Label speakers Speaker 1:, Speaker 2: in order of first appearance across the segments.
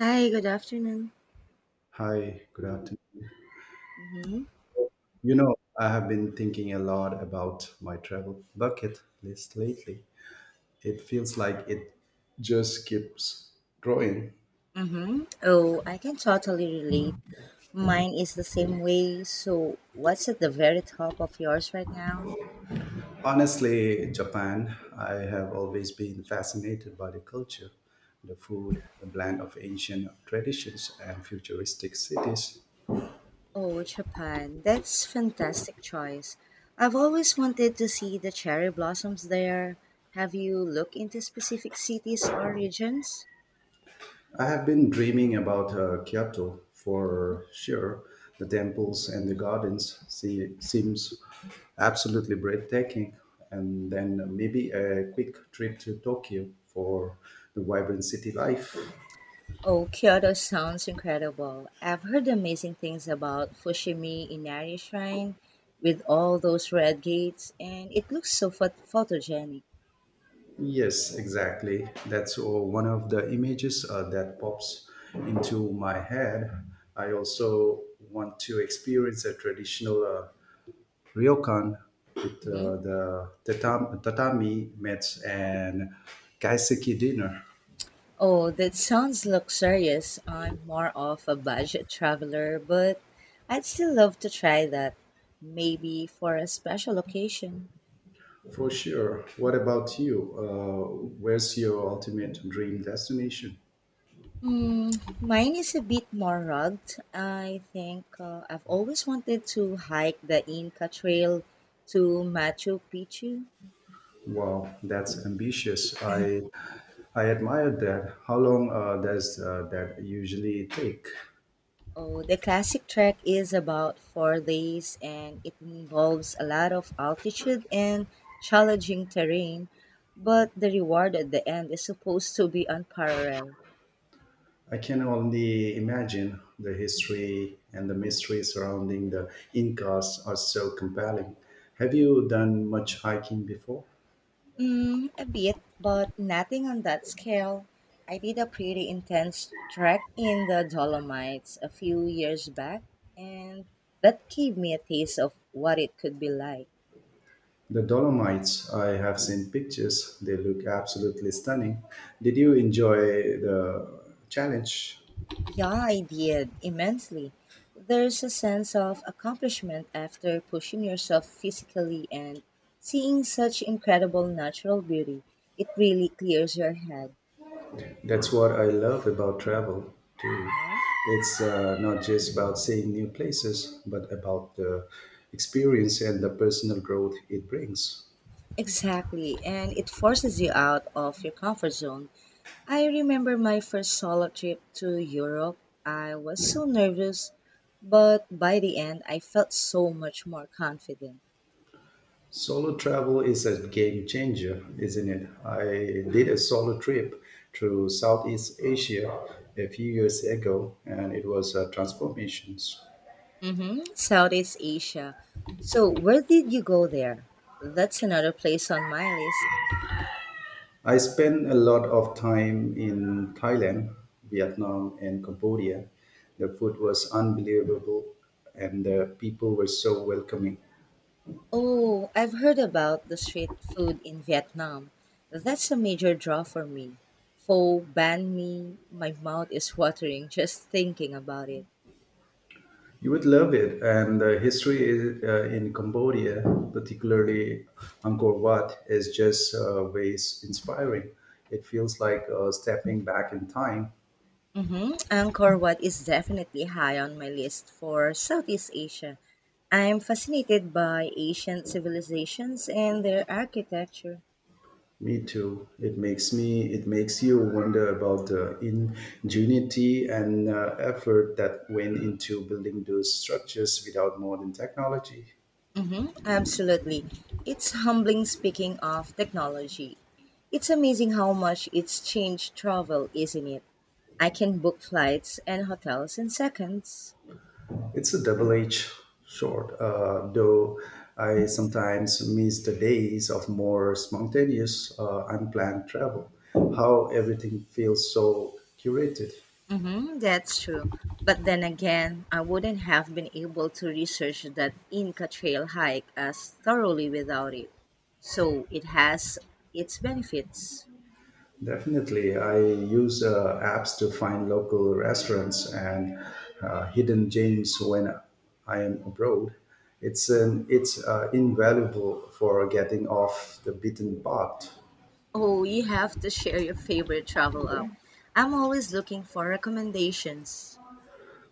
Speaker 1: Hi, good afternoon.
Speaker 2: Hi, good afternoon.
Speaker 1: Mm-hmm.
Speaker 2: You know, I have been thinking a lot about my travel bucket list lately. It feels like it just keeps growing.
Speaker 1: Mm-hmm. Oh, I can totally relate. Mine is the same way. So, what's at the very top of yours right now?
Speaker 2: Honestly, Japan. I have always been fascinated by the culture, the food, the blend of ancient traditions and futuristic cities.
Speaker 1: Oh, Japan. That's fantastic choice. I've always wanted to see the cherry blossoms there. Have you looked into specific cities or regions?
Speaker 2: I have been dreaming about Kyoto for sure. The temples and the gardens seems absolutely breathtaking. And then maybe a quick trip to Tokyo for the vibrant city life.
Speaker 1: Oh, Kyoto sounds incredible. I've heard amazing things about Fushimi Inari Shrine with all those red gates, and it looks so photogenic.
Speaker 2: Yes, exactly. That's one of the images that pops into my head. I also want to experience a traditional Ryokan with
Speaker 1: hmm
Speaker 2: the tatami mats and kaiseki dinner.
Speaker 1: Oh, that sounds luxurious. I'm more of a budget traveler, but I'd still love to try that. Maybe for a special occasion.
Speaker 2: For sure. What about you? Where's your ultimate dream destination?
Speaker 1: Hmm, mine is a bit more rugged. I think I've always wanted to hike the Inca Trail to Machu Picchu.
Speaker 2: Wow, that's ambitious. I admire that. How long does that usually take?
Speaker 1: Oh, the classic trek is about 4 days and it involves a lot of altitude and challenging terrain, but the reward at the end is supposed to be unparalleled.
Speaker 2: I can only imagine the history and the mystery surrounding the Incas are so compelling. Have you done much hiking before?
Speaker 1: Mm, a bit, but nothing on that scale. I did a pretty intense trek in the Dolomites a few years back, and that gave me a taste of what it could be like.
Speaker 2: The Dolomites, I have seen pictures. They look absolutely stunning. Did you enjoy the challenge?
Speaker 1: Yeah, I did immensely. There's a sense of accomplishment after pushing yourself physically and seeing such incredible natural beauty. It really clears your head.
Speaker 2: That's what I love about travel too.
Speaker 1: Uh-huh.
Speaker 2: It's not just about seeing new places, but about the experience and the personal growth it brings.
Speaker 1: Exactly, and it forces you out of your comfort zone. I remember my first solo trip to Europe. I was so nervous, but by the end, I felt so much more confident.
Speaker 2: Solo travel is a game changer, isn't it? I did a solo trip through Southeast Asia a few years ago, and it was a transformation.
Speaker 1: Mm-hmm. Southeast Asia. So, where did you go there? That's another place on my list.
Speaker 2: I spent a lot of time in Thailand, Vietnam, and Cambodia. The food was unbelievable, and the people were so welcoming.
Speaker 1: Oh, I've heard about the street food in Vietnam. That's a major draw for me. Pho, banh mi, my mouth is watering just thinking about it.
Speaker 2: You would love it, and the history is, in Cambodia, particularly Angkor Wat, is just ways inspiring. It feels like stepping back in time.
Speaker 1: Mm-hmm. Angkor Wat is definitely high on my list for Southeast Asia. I'm fascinated by ancient civilizations and their architecture.
Speaker 2: Me too. It makes you wonder about the ingenuity and effort that went into building those structures without modern technology.
Speaker 1: Absolutely. It's humbling speaking of technology. It's amazing how much it's changed travel, isn't it? I can book flights and hotels in seconds.
Speaker 2: It's a double-edged sword, though I sometimes miss the days of more spontaneous, unplanned travel. How everything feels so curated.
Speaker 1: Mm-hmm, that's true. But then again, I wouldn't have been able to research that Inca Trail hike as thoroughly without it. So it has its benefits.
Speaker 2: Definitely, I use apps to find local restaurants and hidden gems when I am abroad. It's invaluable for getting off the beaten path.
Speaker 1: Oh, you have to share your favorite travel app. I'm always looking for recommendations.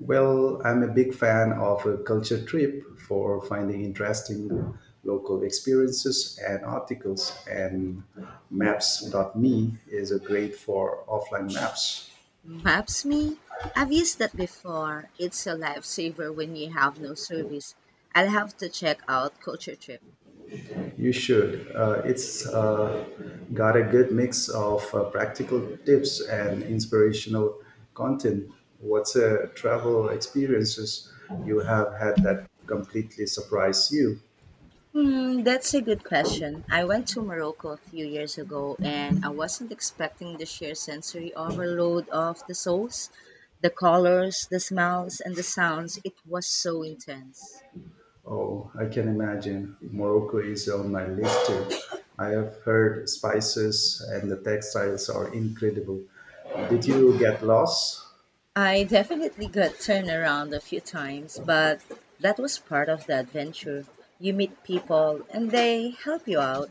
Speaker 2: Well, I'm a big fan of a culture trip for finding interesting local experiences and articles, and maps.me is a great for offline maps.
Speaker 1: Maps me? I've used that before. It's a lifesaver when you have no service. I'll have to check out Culture Trip.
Speaker 2: You should. It's got a good mix of practical tips and inspirational content. What's a travel experiences you have had that completely surprised you?
Speaker 1: Hmm, that's a good question. I went to Morocco a few years ago and I wasn't expecting the sheer sensory overload of the souls, the colors, the smells, and the sounds. It was so intense.
Speaker 2: Oh, I can imagine. Morocco is on my list too. I have heard spices and the textiles are incredible. Did you get lost?
Speaker 1: I definitely got turned around a few times, but that was part of the adventure. You meet people and they help you out.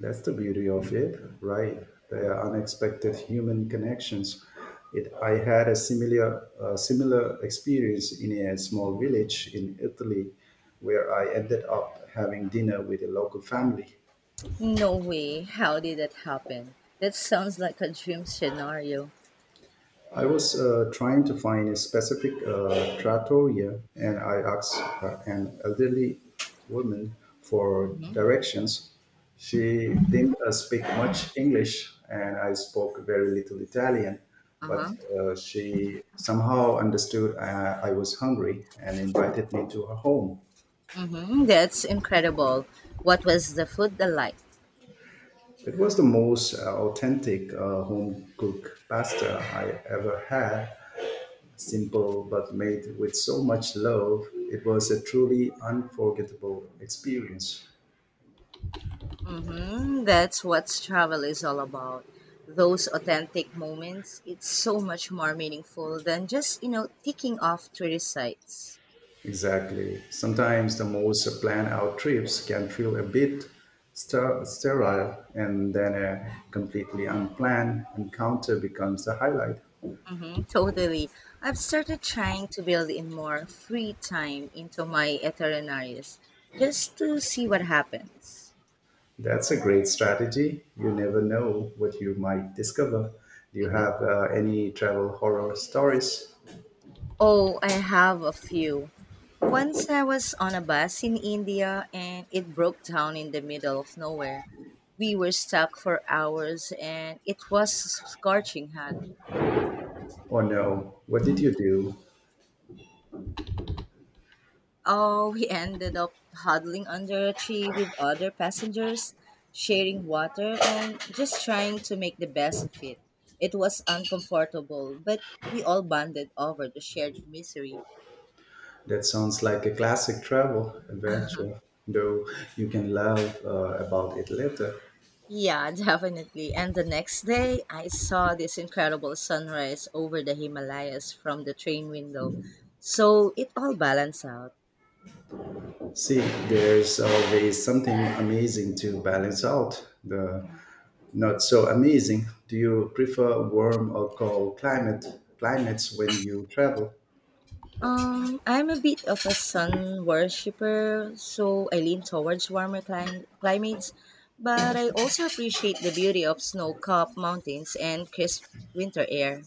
Speaker 2: That's the beauty of it, right? The unexpected human connections. I had a similar experience in a small village in Italy where I ended up having dinner with a local family.
Speaker 1: No way. How did that happen? That sounds like a dream scenario.
Speaker 2: I was trying to find a specific trattoria, and I asked an elderly woman for
Speaker 1: Mm-hmm.
Speaker 2: directions. She didn't speak much English, and I spoke very little Italian, but
Speaker 1: Uh-huh.
Speaker 2: she somehow understood I was hungry and invited me to her home.
Speaker 1: Mm-hmm. That's incredible. What was the food like?
Speaker 2: It was the most authentic home cooked pasta I ever had. Simple but made with so much love, it was a truly unforgettable experience.
Speaker 1: Mm-hmm. That's what travel is all about. Those authentic moments. It's so much more meaningful than just, ticking off tourist sites.
Speaker 2: Exactly. Sometimes the most planned out trips can feel a bit sterile, and then a completely unplanned encounter becomes the highlight.
Speaker 1: Mm-hmm. Totally. I've started trying to build in more free time into my itineraries just to see what happens.
Speaker 2: That's a great strategy. You never know what you might discover. Do you have any travel horror stories?
Speaker 1: Oh, I have a few. Once I was on a bus in India and it broke down in the middle of nowhere. We were stuck for hours and it was scorching hot.
Speaker 2: Or no? What did you do?
Speaker 1: Oh, we ended up huddling under a tree with other passengers, sharing water and just trying to make the best of it. It was uncomfortable, but we all bonded over the shared misery.
Speaker 2: That sounds like a classic travel adventure, though you can laugh about it later.
Speaker 1: Yeah, definitely. And the next day, I saw this incredible sunrise over the Himalayas from the train window. So it all balanced out.
Speaker 2: See, there's always something amazing to balance out the not so amazing. Do you prefer warm or cold climates when you travel?
Speaker 1: I'm a bit of a sun worshiper, so I lean towards warmer climates, but I also appreciate the beauty of snow-capped mountains and crisp winter air.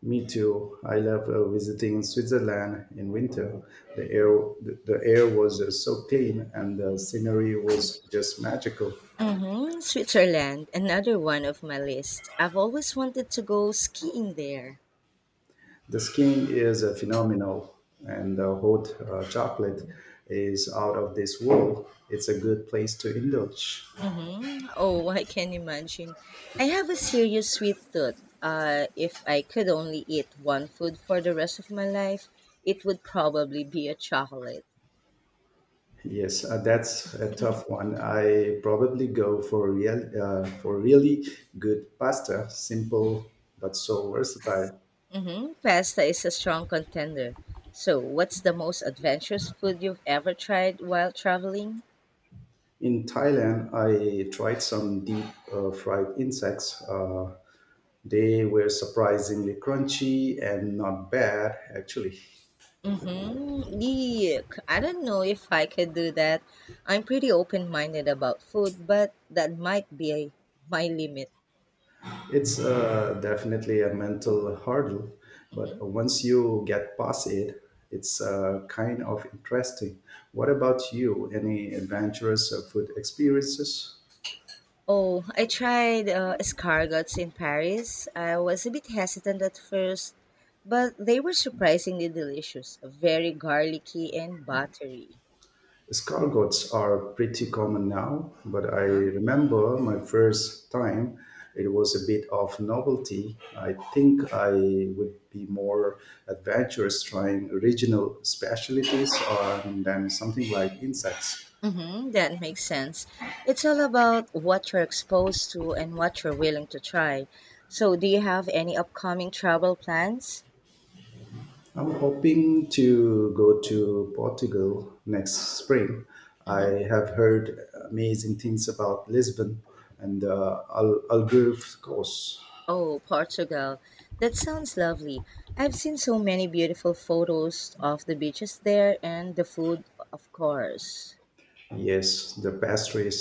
Speaker 2: Me too. I love visiting Switzerland in winter. The air the air was so clean and the scenery was just magical.
Speaker 1: Mm-hmm. Switzerland, another one of my list. I've always wanted to go skiing there.
Speaker 2: The skiing is a phenomenal, and the hot chocolate is out of this world. It's a good place to indulge.
Speaker 1: Mm-hmm. Oh, I can imagine. I have a serious sweet tooth. If I could only eat one food for the rest of my life, it would probably be a chocolate.
Speaker 2: Yes, that's a tough one. I probably go for really good pasta, simple but so versatile.
Speaker 1: Mm-hmm. Pasta is a strong contender. So, what's the most adventurous food you've ever tried while traveling?
Speaker 2: In Thailand, I tried some deep fried insects. They were surprisingly crunchy and not bad, actually.
Speaker 1: Mm-hmm. Yuck. I don't know if I could do that. I'm pretty open minded about food, but that might be my limit.
Speaker 2: It's definitely a mental hurdle, but
Speaker 1: Mhm.
Speaker 2: once you get past it, it's kind of interesting. What about you? Any adventurous food experiences?
Speaker 1: Oh, I tried escargots in Paris. I was a bit hesitant at first, but they were surprisingly delicious, very garlicky and buttery.
Speaker 2: Escargots are pretty common now, but I
Speaker 1: Uh-huh.
Speaker 2: remember my first time, it was a bit of novelty. I think I would be more adventurous trying regional specialties than something like insects.
Speaker 1: Mm-hmm, that makes sense. It's all about what you're exposed to and what you're willing to try. So, do you have any upcoming travel plans?
Speaker 2: I'm hoping to go to Portugal next spring.
Speaker 1: hmm
Speaker 2: I have heard amazing things about Lisbon and the Algarve coast.
Speaker 1: Oh, Portugal. That sounds lovely. I've seen so many beautiful photos of the beaches there and the food, of course.
Speaker 2: Yes, the pastries,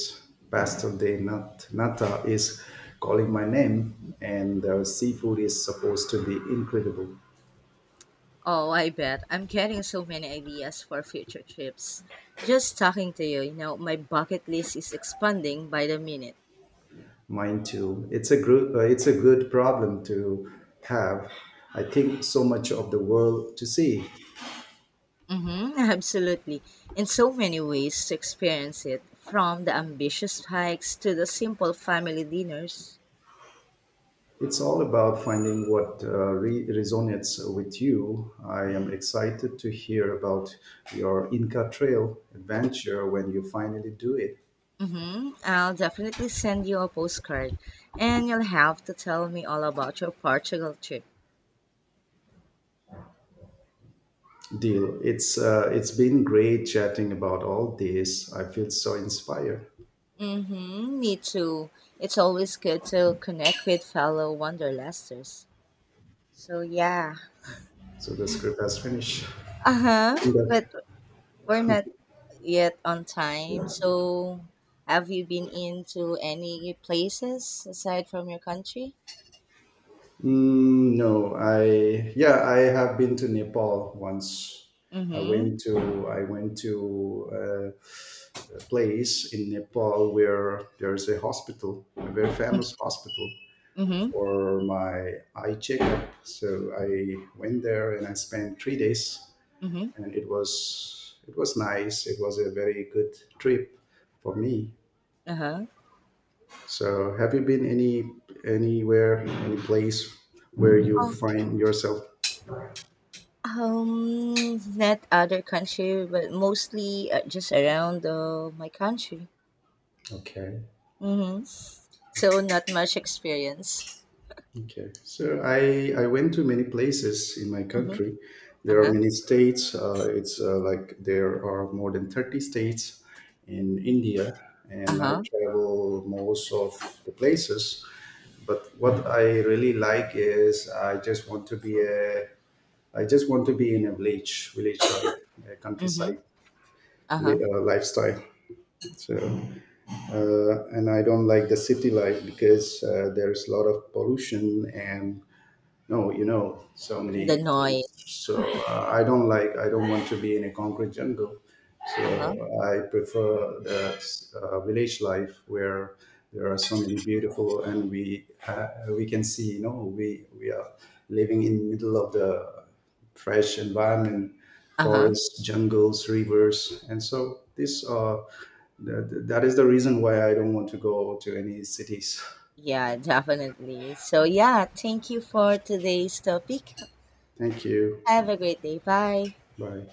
Speaker 2: pastel de nata is calling my name, and the seafood is supposed to be incredible.
Speaker 1: Oh, I bet. I'm getting so many ideas for future trips. Just talking to you, my bucket list is expanding by the minute.
Speaker 2: Mine too. It's a it's a good problem to have. I think so much of the world to see.
Speaker 1: Mm-hmm, absolutely. In so many ways to experience it, from the ambitious hikes to the simple family dinners.
Speaker 2: It's all about finding what resonates with you. I am excited to hear about your Inca Trail adventure when you finally do it.
Speaker 1: Mm-hmm, I'll definitely send you a postcard, and you'll have to tell me all about your Portugal trip.
Speaker 2: Deal. It's been great chatting about all this. I feel so inspired.
Speaker 1: Mm-hmm, me too. It's always good to connect with fellow wanderlusters. So yeah,
Speaker 2: So the script has finished.
Speaker 1: Uh-huh,
Speaker 2: And,
Speaker 1: but we're not yet on time. So, have you been into any places aside from your country?
Speaker 2: mm, no, I yeah, I have been to Nepal once.
Speaker 1: Mm-hmm.
Speaker 2: I went to uh, place in Nepal where there's a hospital, a very famous hospital
Speaker 1: Mm-hmm.
Speaker 2: for my eye checkup. So I went there and I spent 3 days,
Speaker 1: Mm-hmm.
Speaker 2: and it was nice. It was a very good trip for me.
Speaker 1: Uh-huh.
Speaker 2: So have you been anywhere any place where you
Speaker 1: Oh,
Speaker 2: find yourself?
Speaker 1: not other country, but mostly just around my country.
Speaker 2: Okay.
Speaker 1: Mm-hmm. So, not much experience.
Speaker 2: Okay, so I went to many places in my
Speaker 1: Mm-hmm.
Speaker 2: country. There are
Speaker 1: Uh-huh.
Speaker 2: many states. It's like there are more than 30 states in India, and I
Speaker 1: Uh-huh.
Speaker 2: travel most of the places. But what I really like is I just want to be in a village, village life, a
Speaker 1: Mm-hmm.
Speaker 2: countryside
Speaker 1: Uh-huh.
Speaker 2: lifestyle. So, and I don't like the city life because there's a lot of pollution and no, you know, so
Speaker 1: And the
Speaker 2: many
Speaker 1: noise.
Speaker 2: things. So I don't want to be in a concrete jungle.
Speaker 1: Uh-huh.
Speaker 2: So I prefer the village life where there are so many beautiful and we can see, you know, we are living in middle of the fresh environment,
Speaker 1: Uh-huh.
Speaker 2: forests, jungles, rivers, and so that is the reason why I don't want to go to any cities.
Speaker 1: Yeah, definitely. So, yeah, thank you for today's topic.
Speaker 2: Thank you.
Speaker 1: Have a great day. Bye.
Speaker 2: Bye.